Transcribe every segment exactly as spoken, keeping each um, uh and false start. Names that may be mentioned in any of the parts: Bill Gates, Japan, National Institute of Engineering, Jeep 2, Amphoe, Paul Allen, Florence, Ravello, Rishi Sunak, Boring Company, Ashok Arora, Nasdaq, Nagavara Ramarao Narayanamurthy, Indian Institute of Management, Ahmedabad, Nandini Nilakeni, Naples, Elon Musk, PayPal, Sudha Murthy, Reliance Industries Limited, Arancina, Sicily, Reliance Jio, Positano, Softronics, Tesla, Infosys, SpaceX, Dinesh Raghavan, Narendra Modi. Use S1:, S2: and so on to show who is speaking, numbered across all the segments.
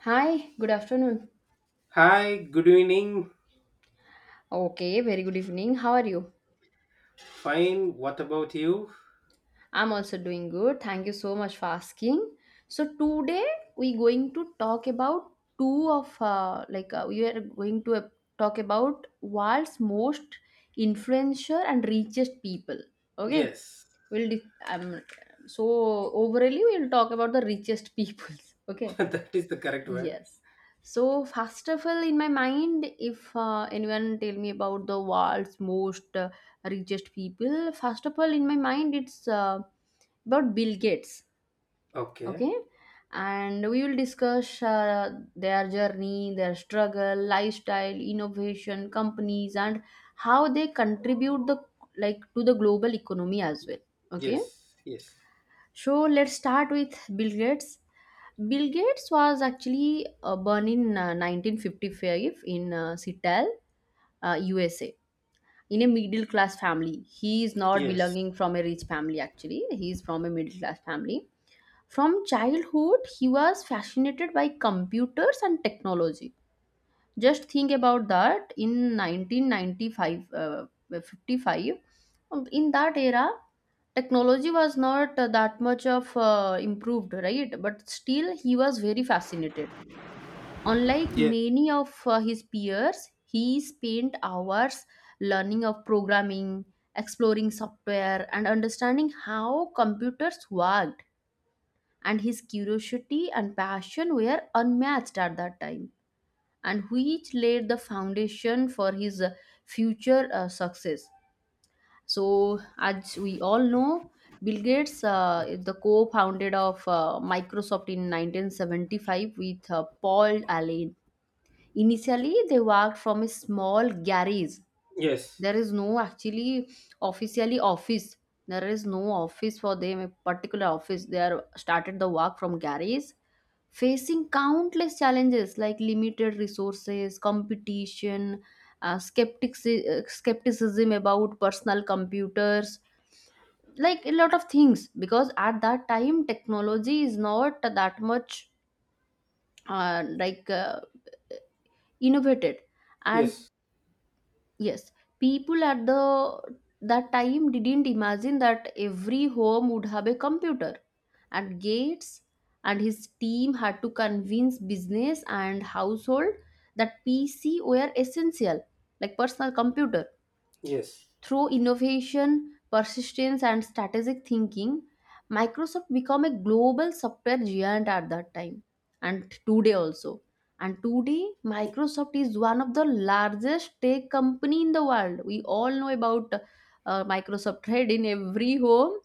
S1: Hi, good afternoon.
S2: Hi, good evening.
S1: Okay, very good evening. How are you?
S2: Fine. What about you?
S1: I'm also doing good. Thank you so much for asking. So today we going to talk about two of uh, like uh, we are going to uh, talk about world's most influential and richest people. Okay,
S2: Yes,
S1: we'll di- um, so overall we'll talk about the richest peoples. Okay.
S2: that is the correct word.
S1: Yes. So first of all, in my mind, if uh, anyone tell me about the world's most uh, richest people, first of all, in my mind, it's uh, about Bill Gates.
S2: Okay.
S1: Okay, and we will discuss uh, their journey, their struggle, lifestyle, innovation, companies, and how they contribute the like to the global economy as well. Okay,
S2: Yes, yes,
S1: so let's start with Bill Gates. Bill Gates was actually uh, born in uh, nineteen fifty-five in uh, Seattle, uh, U S A, in a middle class family. He is not
S2: yes,
S1: belonging from a rich family actually. He is from a middle class family. From childhood, he was fascinated by computers and technology. Just think about that. In nineteen ninety-five, uh, fifty-five, um, in that era, technology was not uh, that much of uh, improved, right? But still he was very fascinated, unlike
S2: yes,
S1: many of uh, his peers. He spent hours learning of programming, exploring software and understanding how computers worked, and his curiosity and passion were unmatched at that time, and which laid the foundation for his uh, future uh, success. So, as we all know, Bill Gates uh, is the co-founded of uh, Microsoft in nineteen seventy-five with uh, Paul Allen. Initially, they worked from a small garage.
S2: yes,
S1: There is no actually officially office. There is no office for them, a particular office. They are started the work from garage, facing countless challenges like limited resources, competition, uh, skeptics, uh, skepticism about personal computers, like a lot of things, because at that time technology is not that much uh, like uh, innovated. And
S2: yes,
S1: yes, people at the that time didn't imagine that every home would have a computer, and Gates and his team had to convince business and household that PC were essential, like personal computer.
S2: yes,
S1: Through innovation, persistence, and strategic thinking, Microsoft became a global software giant at that time and today also. And today, Microsoft is one of the largest tech company in the world. We all know about uh, Microsoft Red in every home.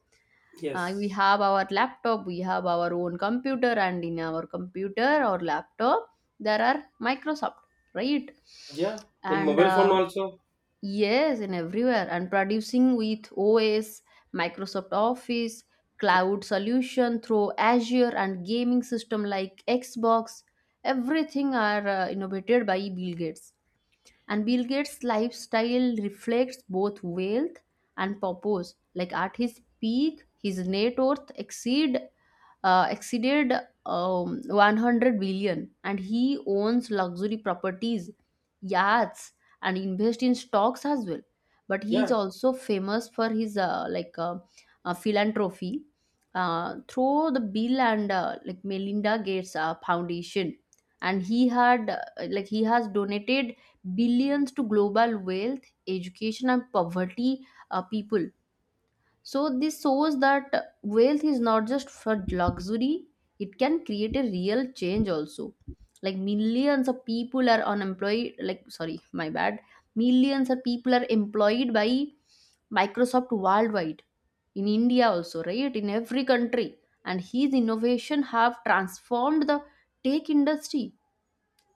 S1: Uh, we
S2: yes.
S1: have our laptop, we have our own computer, and in our computer or laptop, there are Microsoft, right?
S2: Yeah, in
S1: And
S2: mobile phone
S1: uh,
S2: also.
S1: yes, and everywhere, and producing with O S, Microsoft Office, cloud solution through Azure, and gaming system like Xbox. Everything are uh, innovated by Bill Gates. And Bill Gates' lifestyle reflects both wealth and purpose. Like at his peak, his net worth exceed uh, exceeded um, one hundred billion, and he owns luxury properties, yachts, and invest in stocks as well, but he is
S2: Yeah.
S1: also famous for his uh, like uh, uh, philanthropy uh, through the Bill and uh, like Melinda Gates uh, Foundation, and he had uh, like he has donated billions to global wealth, education and poverty uh, people. So this shows that wealth is not just for luxury, it can create a real change also. Like millions of people are unemployed, like sorry, my bad. Millions of people are employed by Microsoft worldwide. In India also, right? In every country. And his innovation have transformed the tech industry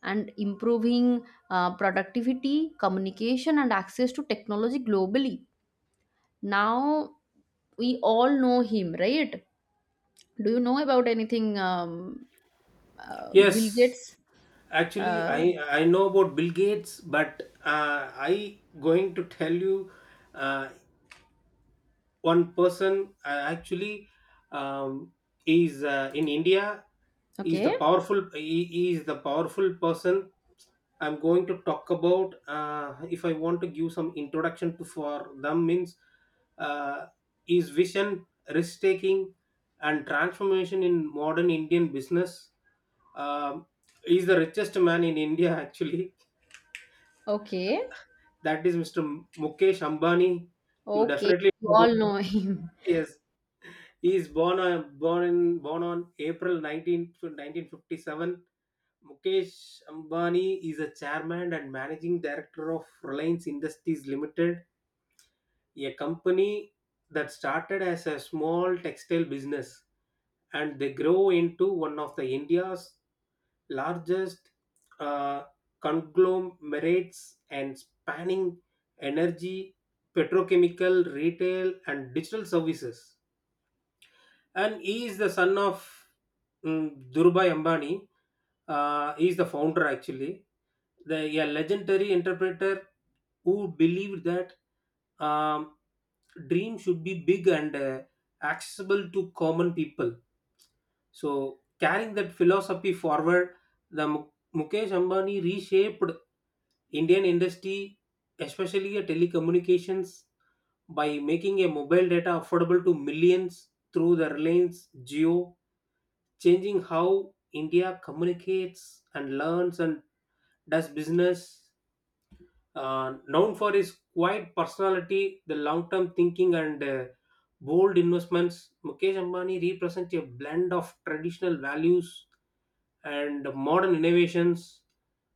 S1: and improving uh, productivity, communication and access to technology globally. Now we all know him, right? Do you know about anything um, uh, Bill
S2: Yes.
S1: Gates
S2: Actually,
S1: uh,
S2: I I know about Bill Gates, but uh, I going to tell you uh, one person uh, actually, um, is uh, in India, is the
S1: okay,
S2: powerful, he, he is the powerful person. I'm going to talk about, uh, if I want to give some introduction to for them means, uh, his vision, risk taking, and transformation in modern Indian business. Um he's the richest man in India, actually.
S1: okay,
S2: That is mister Mukesh Ambani. You
S1: okay,
S2: definitely
S1: we
S2: know
S1: all
S2: about.
S1: know him.
S2: Yes. He is born uh, born in born on April nineteenth, nineteen nineteen fifty-seven. Mukesh Ambani is a chairman and managing director of Reliance Industries Limited, a company that started as a small textile business and they grow into one of the India's largest uh, conglomerates and spanning energy, petrochemical, retail, and digital services. And he is the son of mm, Dhirubhai Ambani. Uh, he is the founder, actually, the a legendary interpreter who believed that, um, dream should be big and uh, accessible to common people. So carrying that philosophy forward, the Mu- Mukesh Ambani reshaped Indian industry, especially uh, telecommunications, by making a mobile data affordable to millions through the Reliance Jio, changing how India communicates and learns and does business. Uh, known for his quiet personality, the long term thinking, and uh, bold investments, Mukesh Ambani represents a blend of traditional values and modern innovations.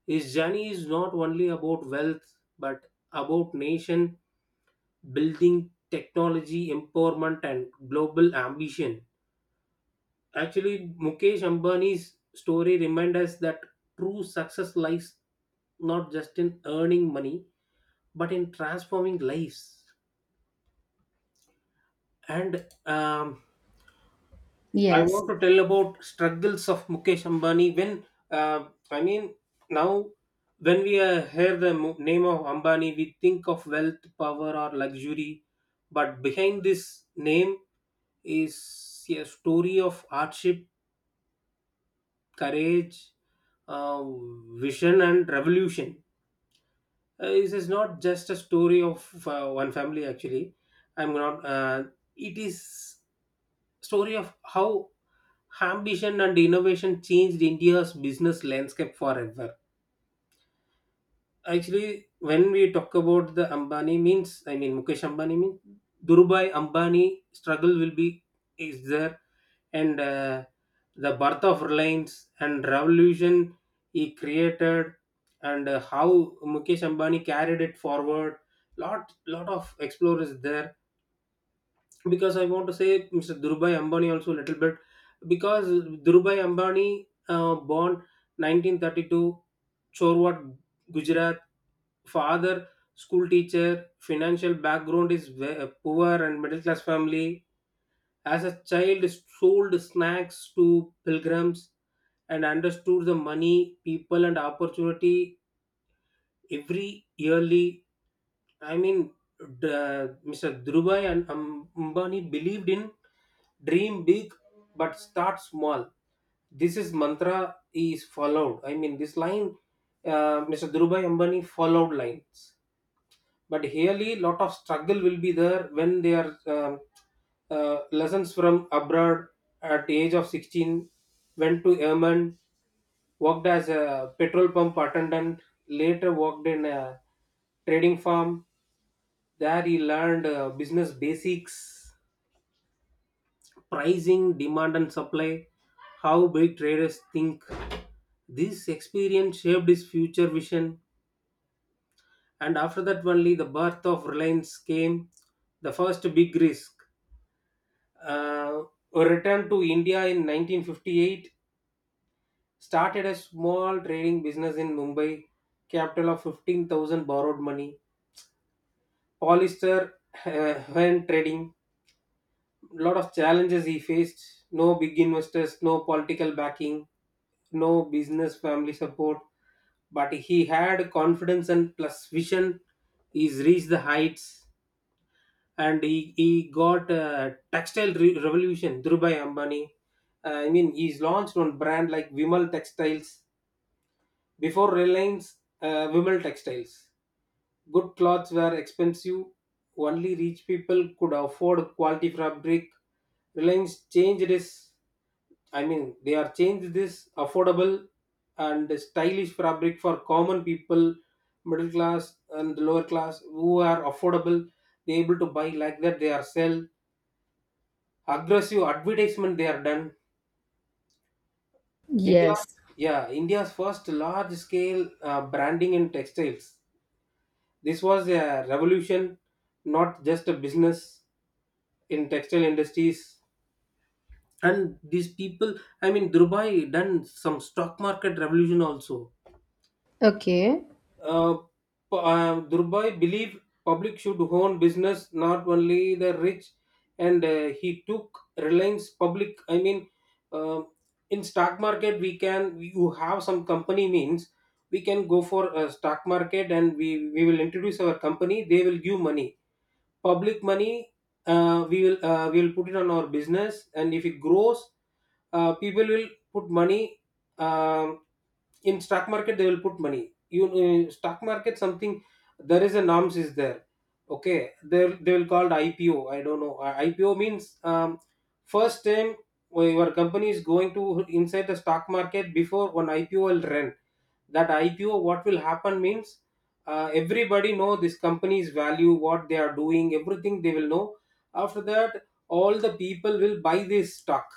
S2: His journey is not only about wealth, but about nation building, technology empowerment, and global ambition. Actually, Mukesh Ambani's story reminds us that true success lies not just in earning money, but in transforming lives. And um, I
S1: Yes,
S2: want to tell about struggles of Mukesh Ambani. When uh, I mean, now, when we uh, hear the mo- name of Ambani, we think of wealth, power, or luxury. But behind this name is a story of hardship, courage, uh, vision, and revolution. Uh, this is not just a story of uh, one family. Actually, I'm not. Uh, it is story of how ambition and innovation changed India's business landscape forever. Actually, when we talk about the Ambani means, I mean Mukesh Ambani means Durubai Ambani struggle will be is there, and uh, the birth of Reliance and revolution he created, and uh, how Mukesh Ambani carried it forward. Lot lot of explorers there, because I want to say mister Durubai Ambani also a little bit. Because Durubai Ambani uh, born nineteen thirty-two, Chorwat, Gujarat, father school teacher, financial background is ve- uh, poor and middle class family. As a child, sold snacks to pilgrims and understood the money people and opportunity every yearly, I mean, the- Mr. Dhrubai and Am- ambani believed in dream big but start small. This is mantra is followed, I mean, this line. Uh, mr. Dhrubai Ambani followed lines. But really lot of struggle will be there when they are, um, uh, lessons from abroad. At the age of sixteen, went to Yemen, worked as a petrol pump attendant, later worked in a trading farm. There he learned uh, business basics, pricing, demand and supply, how big traders think. This experience shaped his future vision, and after that only the birth of Reliance came, the first big risk. uh, Returned to India in nineteen fifty-eight, started a small trading business in Mumbai, capital of fifteen thousand borrowed money. Polyester, uh, when trading, lot of challenges he faced: no big investors, no political backing, no business family support, but he had confidence and plus vision. He's reached the heights, and he, he got uh, textile re- revolution Dhirubhai Ambani. Uh, I mean, he's launched one brand like Vimal Textiles before Reliance, uh, Vimal Textiles. Good clothes were expensive; only rich people could afford quality fabric. Reliance changed this. I mean, they are changed this affordable and stylish fabric for common people, middle class and lower class who are affordable. They able to buy like that. They are sell aggressive advertisement they have done. India's,
S1: yes,
S2: yeah, India's first large scale uh, branding in textiles. This was a revolution, not just a business in textile industries. And these people, I mean, Dubai done some stock market revolution also.
S1: okay.
S2: Uh, p- uh, Durbai believed public should own business, not only the rich, and uh, he took Reliance public. I mean, uh, in stock market, we can you have some company means we can go for a stock market, and we we will introduce our company. They will give money, public money. Uh, we will uh, we will put it on our business, and if it grows, uh, people will put money. um in stock market they will put money, you uh, stock market, something, there is a norms is there. Okay, they they will called I P O. I don't know. Uh, I P O means, um, first time when your company is going to inside the stock market, before one I P O will run. That I P O, what will happen means, uh, everybody know this company's value, what they are doing, everything they will know. After that, all the people will buy this stock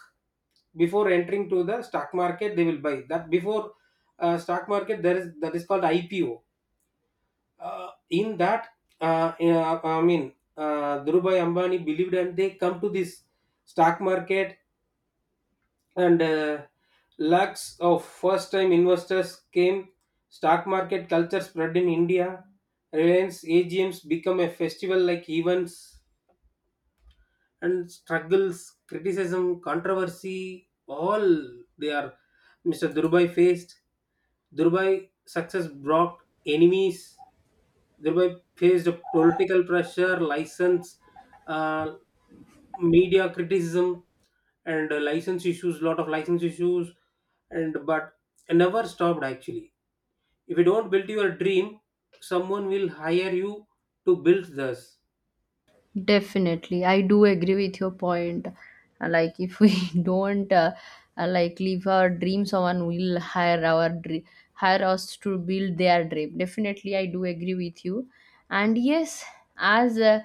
S2: before entering to the stock market. They will buy that before uh, stock market. There is that is called I P O. Uh, in that, uh, uh, I mean, uh, Dhirubhai Ambani believed, and they come to this stock market. And uh, lakhs of first time investors came. Stock market culture spread in India. Reliance A G Ms become a festival like events, and struggles, criticism, controversy, all they are. mister Durbai faced. Durbai success brought enemies. Durbai faced political pressure, license, uh, media criticism, and uh, license issues. Lot of license issues, and but never stopped, actually. If you don't build your dream, someone will hire you to build this.
S1: Definitely, I do agree with your point. Uh, Like, if we don't uh, uh, like live our dream, someone will hire our dream, hire us to build their dream. Definitely, I do agree with you. And yes, as uh,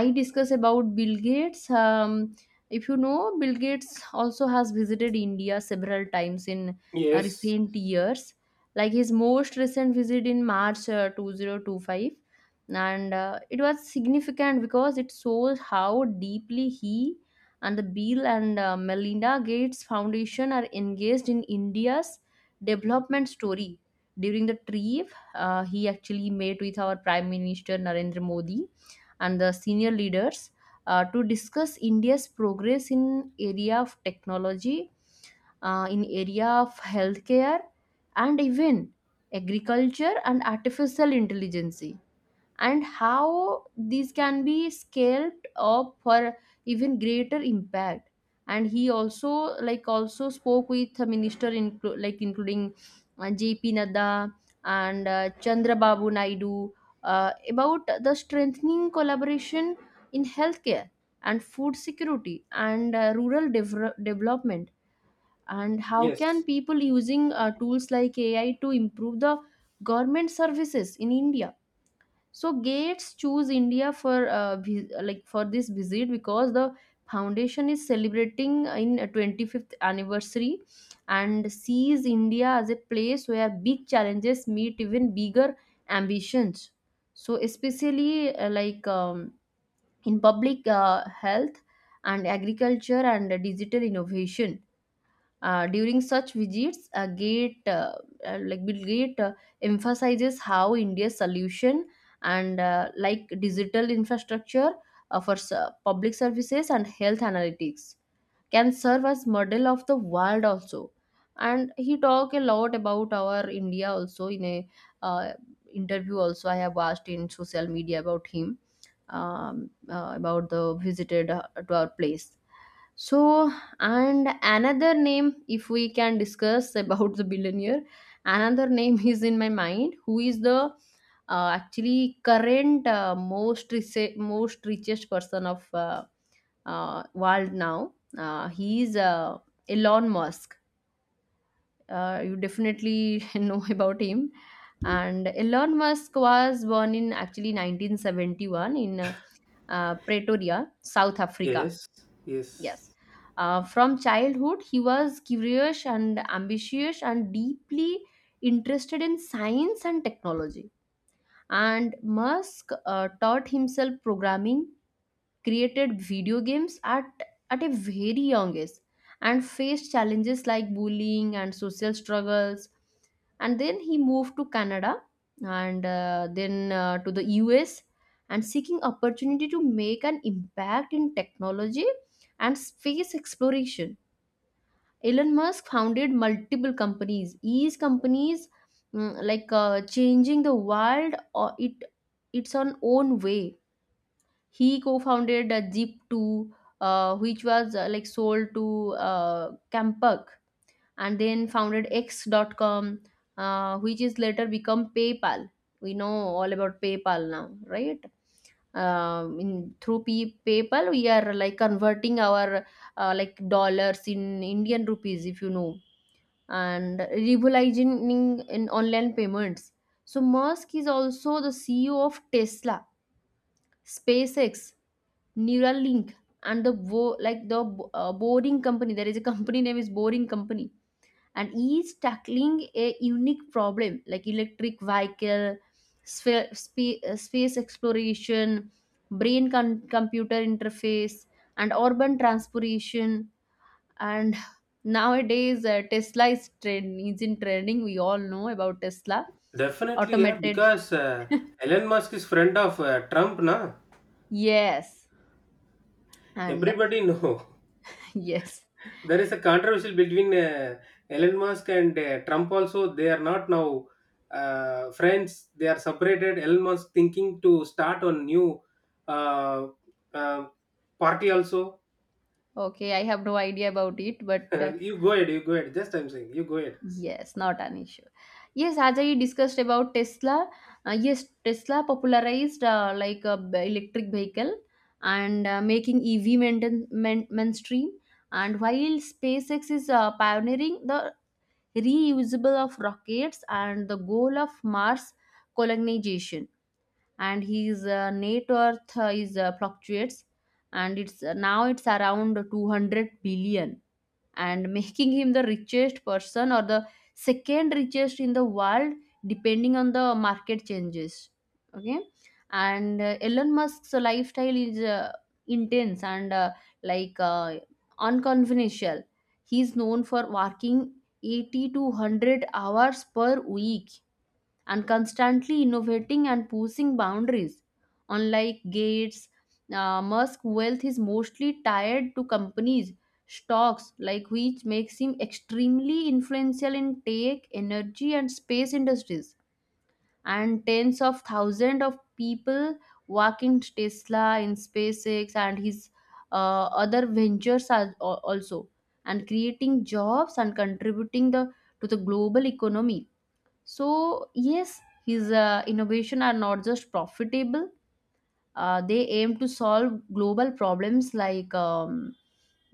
S1: I discuss about Bill Gates, um, if you know, Bill Gates also has visited India several times in uh,
S2: Yes.
S1: recent years. Like his most recent visit in March uh, twenty twenty-five, and uh, it was significant because it shows how deeply he and the Bill and uh, Melinda Gates Foundation are engaged in India's development story. During the trip, uh, he actually met with our Prime Minister Narendra Modi and the senior leaders uh, to discuss India's progress in area of technology, uh, in area of healthcare, and even agriculture and artificial intelligence, and how these can be scaled up for even greater impact. And he also like also spoke with a minister inclu- like including uh, JP Nadda and uh, Chandra Babu Naidu uh, about the strengthening collaboration in healthcare and food security and uh, rural dev- development, and how can
S2: Yes.
S1: people using uh, tools like AI to improve the government services in India. So Gates chose India for uh, vi- like for this visit because the foundation is celebrating in a twenty-fifth anniversary and sees India as a place where big challenges meet even bigger ambitions. So especially uh, like um, in public uh, health and agriculture and digital innovation uh, during such visits, uh, Gate uh, uh, like Bill Gates uh, emphasizes how India's solution and uh, like digital infrastructure uh, for s- uh, public services and health analytics can serve as model of the world also. And he talk a lot about our India also in a uh, interview also I have watched in social media about him, um, uh, about the visited uh, to our place. So and another name, if we can discuss about the billionaire, another name is in my mind, who is the uh, actually current uh, most rich, most richest person of uh, uh, world now. Uh, he is uh, Elon Musk. Uh, you definitely know about him. And Elon Musk was born in actually nineteen seventy-one in uh, uh, Pretoria, South Africa.
S2: Yes,
S1: Yes.
S2: yes,
S1: Uh, from childhood, he was curious and ambitious and deeply interested in science and technology. And Musk uh, taught himself programming, created video games at at a very young age, and faced challenges like bullying and social struggles. And then he moved to Canada, and uh, then uh, to the US, and seeking opportunity to make an impact in technology and space exploration. Elon Musk founded multiple companies, each companies mm, like uh, changing the world or it its on own way. He co-founded uh, Jeep two, uh, which was uh, like sold to uh, Campuck, and then founded X. dot com, uh, which is later become PayPal. We know all about PayPal now, right? Um, in, through P- PayPal, we are like converting our uh, like dollars in Indian rupees, if you know, and revolutionizing in online payments. So Musk is also the C E O of Tesla, SpaceX, Neuralink and the wo- like the uh, boring company, there is a company name is boring company, and each tackling a unique problem like electric vehicle sphere, spa- uh, space exploration, brain con- computer interface and urban transportation. And nowadays uh, Tesla is trend is in trending, we all know about Tesla
S2: definitely, yeah.
S1: automated.
S2: Because uh, Elon Musk is friend of uh, Trump, na?
S1: Yes, and
S2: Everybody know.
S1: yes.
S2: There is a controversial between uh, Elon Musk and uh, Trump also. They are not now uh, friends. They are separated. Elon Musk thinking to start on new uh, uh, party also.
S1: Okay, I have no idea about it, but uh,
S2: You go ahead. You go ahead. Just I'm saying. You go ahead.
S1: yes, not an issue. Yes, as I discussed about Tesla, uh, yes, Tesla popularized uh, like a b- electric vehicle, and uh, making E V maintain, main, mainstream. And while SpaceX is uh, pioneering the reusable of rockets and the goal of Mars colonization, and his uh, net worth uh, is uh, fluctuates, and it's uh, now it's around two hundred billion, and making him the richest person or the second richest in the world depending on the market changes. Okay. And uh, Elon Musk's lifestyle is uh, intense and uh, like uh, unconventional. He is known for working eighty to one hundred hours per week and constantly innovating and pushing boundaries. Unlike Gates, uh, Musk wealth is mostly tied to companies stocks, like which makes him extremely influential in tech, energy and space industries. And tens of thousands of people work in Tesla, in SpaceX, and his uh, other ventures are al- also, and creating jobs and contributing the to the global economy. So, yes, his uh, innovation are not just profitable, uh, they aim to solve global problems like um,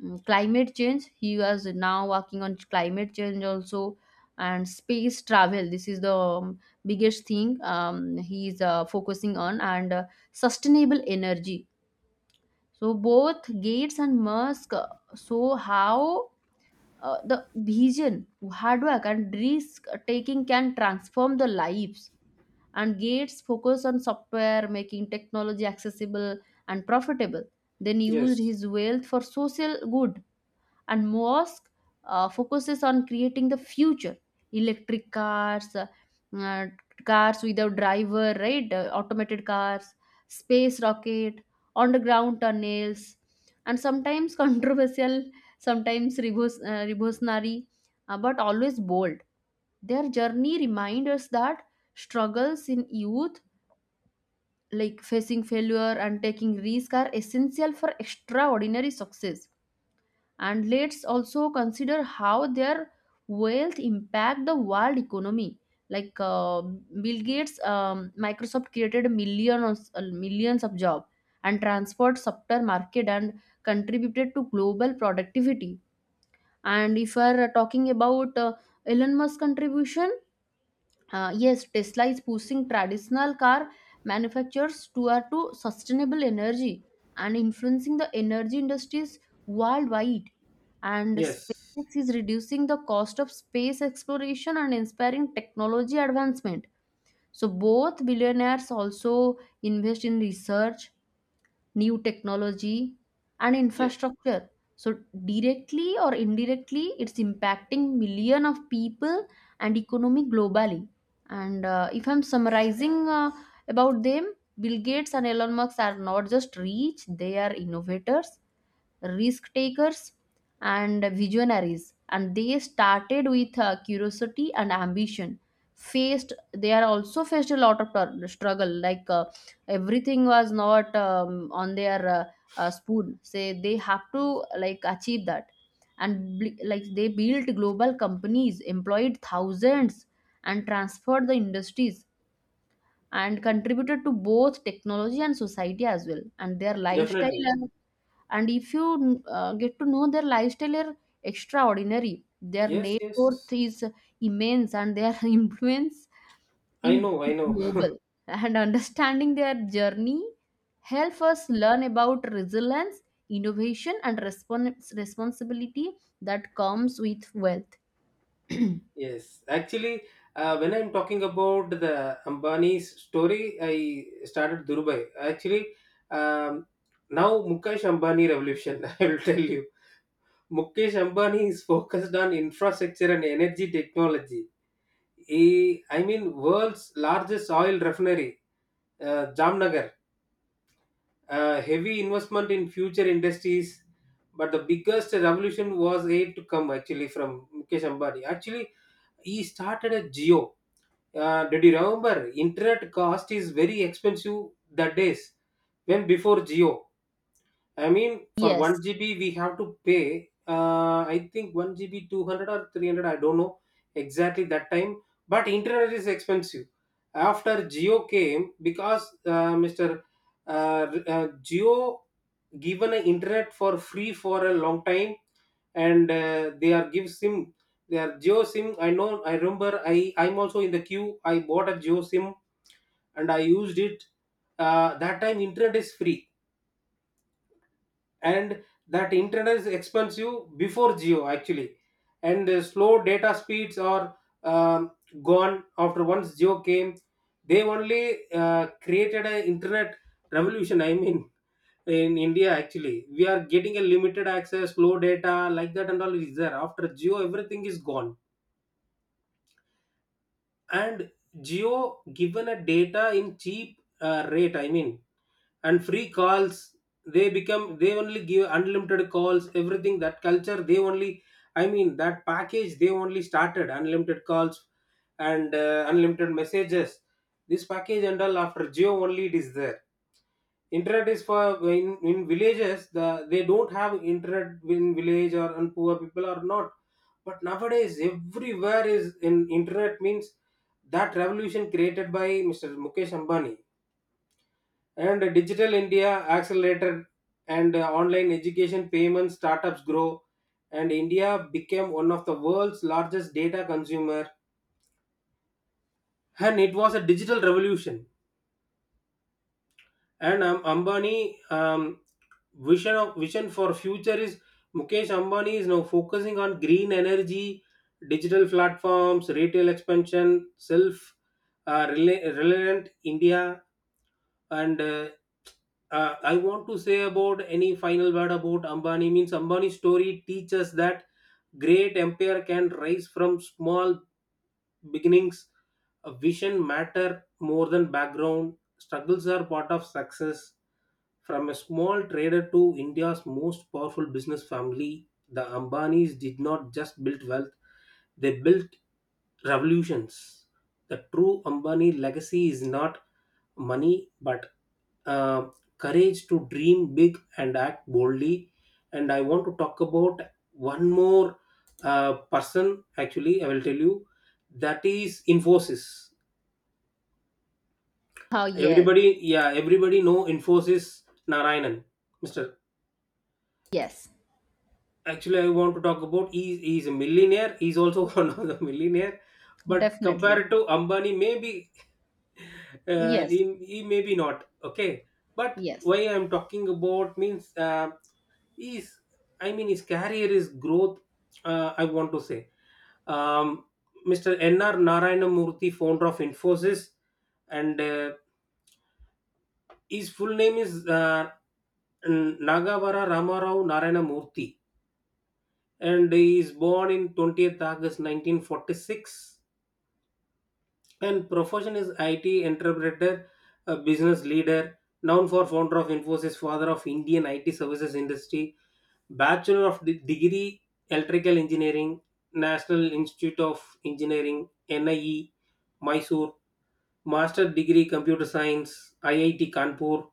S1: mm, climate change. He was now working on climate change also, and space travel. This is the um, biggest thing um, he is uh, focusing on, and uh, sustainable energy. So, both Gates and Musk uh, show how uh, the vision, hard work, and risk taking can transform the lives. And Gates focused on software, making technology accessible and profitable, then used
S2: Yes.
S1: his wealth for social good. And Musk uh, focuses on creating the future: electric cars, uh, uh, cars without driver, right? Uh, automated cars, space rocket, underground tunnels, and sometimes controversial, sometimes revos- uh, revolutionary, uh, but always bold. Their journey reminds us that struggles in youth, like facing failure and taking risk, are essential for extraordinary success. And let's also consider how their wealth impact the world economy. Like uh, Bill Gates, um, Microsoft created millions uh, millions of jobs and transport sector market and contributed to global productivity. And if we are talking about uh, Elon Musk contribution, uh, yes, Tesla is pushing traditional car manufacturers toward to sustainable energy and influencing the energy industries worldwide. And
S2: Yes.
S1: SpaceX is reducing the cost of space exploration and inspiring technology advancement. So both billionaires also invest in research, new technology and
S2: Yeah.
S1: infrastructure. So directly or indirectly it's impacting million of people and economy globally. And uh, if I'm summarizing uh, about them, Bill Gates and Elon Musk are not just rich, they are innovators, risk takers, and visionaries. And they started with uh, curiosity and ambition. Faced, they are also faced a lot of tur- struggle. Like uh, everything was not um, on their uh, uh, spoon. Say they have to like achieve that, and bl- like they built global companies, employed thousands, and transferred the industries and contributed to both technology and society as well. And their lifestyle,
S2: Definitely.
S1: and, and if you uh, get to know, their lifestyle are extraordinary, their
S2: Yes.
S1: net worth
S2: Yes.
S1: is immense, and their influence
S2: I
S1: in
S2: know. I know.
S1: global. And understanding their journey help us learn about resilience, innovation and respons- responsibility that comes with wealth.
S2: Yes, actually, uh, when I'm talking about the Ambani's story, I started Dubai. Actually, um, now Mukesh Ambani revolution. I will tell you, Mukesh Ambani is focused on infrastructure and energy technology. He, I mean, world's largest oil refinery, uh, Jamnagar. Uh, heavy investment in future industries, but the biggest revolution was yet to come. Actually, from Mukesh Ambani. Actually, he started a geo. Uh, did you remember internet cost is very expensive the days when before geo, I mean, for
S1: Yes.
S2: one G B we have to pay, uh, I think one G B two hundred or three hundred, I don't know exactly that time. But internet is expensive. After geo came, because uh, mister uh, uh, geo given an internet for free for a long time. And uh, they are give sim, they are geo sim, I know, I remember. I i'm also in the queue, I bought a geo sim and I used it. Uh, that time internet is free, and that internet is expensive before geo, actually. And uh, slow data speeds are, um, gone after once geo came. They only uh, created an internet revolution, I mean, in India, actually. We are getting a limited access, low data, like that and all is there. After Geo, everything is gone. And Geo given a data in cheap uh, rate, I mean, and free calls. They become they only give unlimited calls, everything, that culture they only, I mean, that package they only started unlimited calls and uh, unlimited messages. This package and all after Geo only it is there. Internet is for in, in villages, the they don't have internet in village, or and poor people are not. But nowadays everywhere is in internet means that revolution created by mister Mukesh Ambani, and digital India accelerated. And uh, online education, payments, startups grow, and India became one of the world's largest data consumer. And it was a digital revolution. And um, Ambani, um, vision of vision for future is, Mukesh Ambani is now focusing on green energy, digital platforms, retail expansion, self uh, rela- relevant India. And uh, uh, I want to say about any final word about Ambani means, Ambani's story teaches that great empire can rise from small beginnings. A vision matter more than background. Struggles are part of success. From a small trader to India's most powerful business family, the Ambanis did not just build wealth, they built revolutions. The true Ambani legacy is not money, but uh, courage to dream big and act boldly. And I want to talk about one more uh, person. Actually, I will tell you that is Infosys.
S1: Oh yes.
S2: Everybody, yeah, everybody know Infosys. Narayanan, Mr.
S1: Yes,
S2: Actually, I want to talk about he he's a millionaire. He's also one of the millionaire, but
S1: definitely.
S2: compared to Ambani maybe uh, he,
S1: Yes.
S2: he maybe not, okay. But
S1: Yes.
S2: why I'm talking about means uh, is, I mean, his career is growth. Uh, I want to say, um, mister N R. Narayanamurthy, founder of Infosys, and uh, his full name is uh, N- Nagavara Ramarao Narayanamurthy, and he is born in twentieth August nineteen forty-six. And profession is I T entrepreneur, a business leader, known for founder of Infosys, father of Indian I T services industry, bachelor of de- degree electrical engineering, National Institute of Engineering (N I E), Mysore, master degree computer science, I I T Kanpur.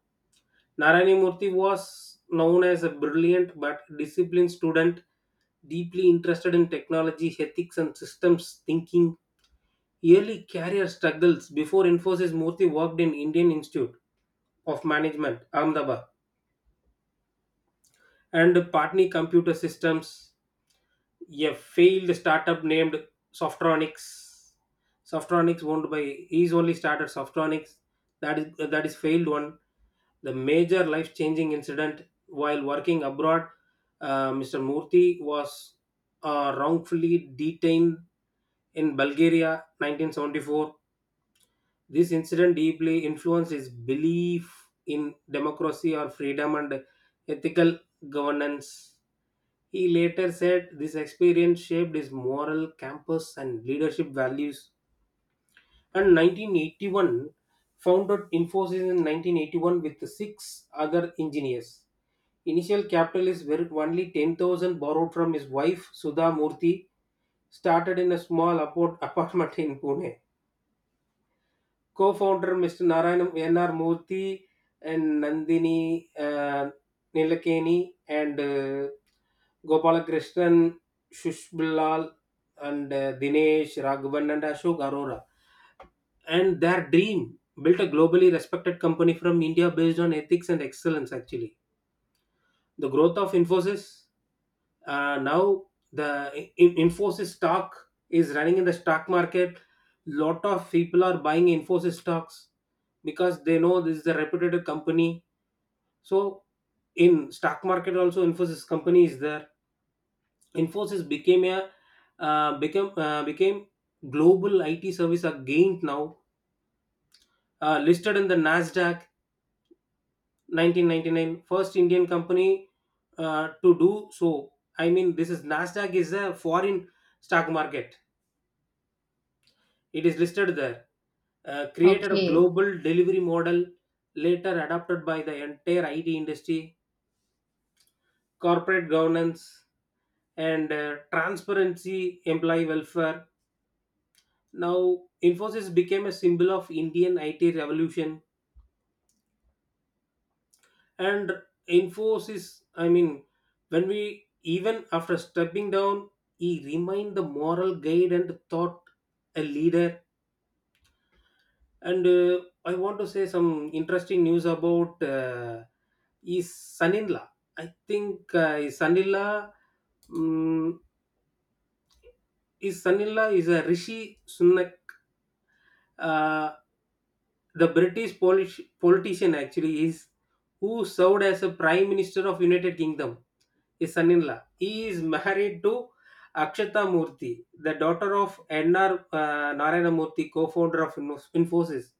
S2: Narayani Murthy was known as a brilliant but disciplined student, deeply interested in technology, ethics, and systems thinking. Early career struggles before Infosys: Murthy worked in Indian Institute of Management, Ahmedabad, and Patni Computer Systems, a failed startup named Softronics. Softronics owned by, he's only started Softronics. That is that is failed one. The major life-changing incident while working abroad, uh, mister Murthy was uh, wrongfully detained in Bulgaria, nineteen seventy-four. This incident deeply influenced his belief in democracy or freedom and ethical governance. He later said this experience shaped his moral compass and leadership values. And nineteen eighty-one, founded Infosys in nineteen eighty-one with six other engineers. Initial capital is very- only ten thousand borrowed from his wife Sudha Murthy, started in a small apart- apartment in Pune. Co-founder mister Narayanam N R. Murthy and Nandini uh, Nilakeni, and uh, Gopalakrishnan, Shushbillal, and uh, Dinesh Raghavan, and Ashok Arora. And their dream built a globally respected company from India based on ethics and excellence, actually. The growth of Infosys, uh, now the in- Infosys stock is running in the stock market. Lot of people are buying Infosys stocks because they know this is a reputed company. So in stock market also Infosys company is there. Infosys became a uh, became uh, became global I T service again. Now, uh, listed in the Nasdaq nineteen ninety nine, first Indian company uh, to do so. I mean, this is, Nasdaq is a foreign stock market. It is listed there. Uh, created a
S1: Okay.
S2: global delivery model later adopted by the entire I T industry, corporate governance, and uh, transparency, employee welfare. Now, Infosys became a symbol of Indian I T revolution, and Infosys, I mean, when we, even after stepping down, he remained the moral guide and thought a leader. And uh, I want to say some interesting news about uh, his son-in-law. I think uh, his son-in-law, um, his son-in-law is a Rishi Sunak, uh, the British Polish politician, actually, is who served as a Prime Minister of United Kingdom. His son-in-law, he is married to Akshata Murthy, the daughter of N R. Uh, Narayana Murthy, co-founder of Infosys.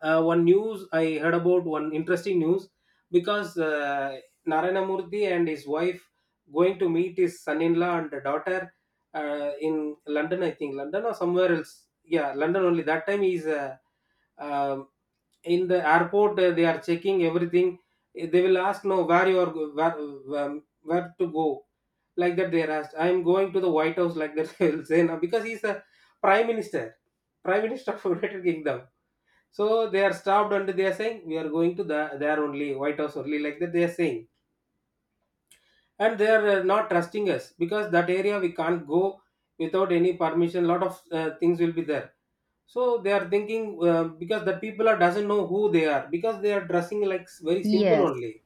S2: Uh, one news I heard about, one interesting news, because uh, Narayana Murthy and his wife going to meet his son-in-law and the daughter uh, in London, I think London or somewhere else. Yeah, London only. That time he's uh, um, in the airport. uh, they are checking everything. They will ask, "No, where you are? go- Where, um, where to go?" Like that they are asked. "I'm going to the White House," like that they will say. Now, because he's a prime minister Prime Minister of United Kingdom. So they are stopped, and they are saying, "We are going to the there only, White House only," like that they are saying. And they are uh, not trusting us, because that area we can't go without any permission. Lot of uh, things will be there, so they are thinking uh, because the people are doesn't know who they are, because they are dressing like s- very simple
S1: Yes.
S2: only.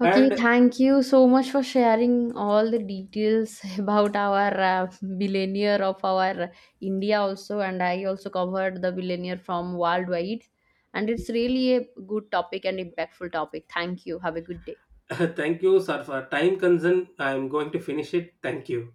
S1: Okay.
S2: And
S1: Thank you so much for sharing all the details about our uh, billionaire of our India also, and I also covered the billionaire from worldwide, and it's really a good topic and impactful topic. Thank you. Have a good day.
S2: thank you, sir, for time concern. I'm going to finish it. Thank you.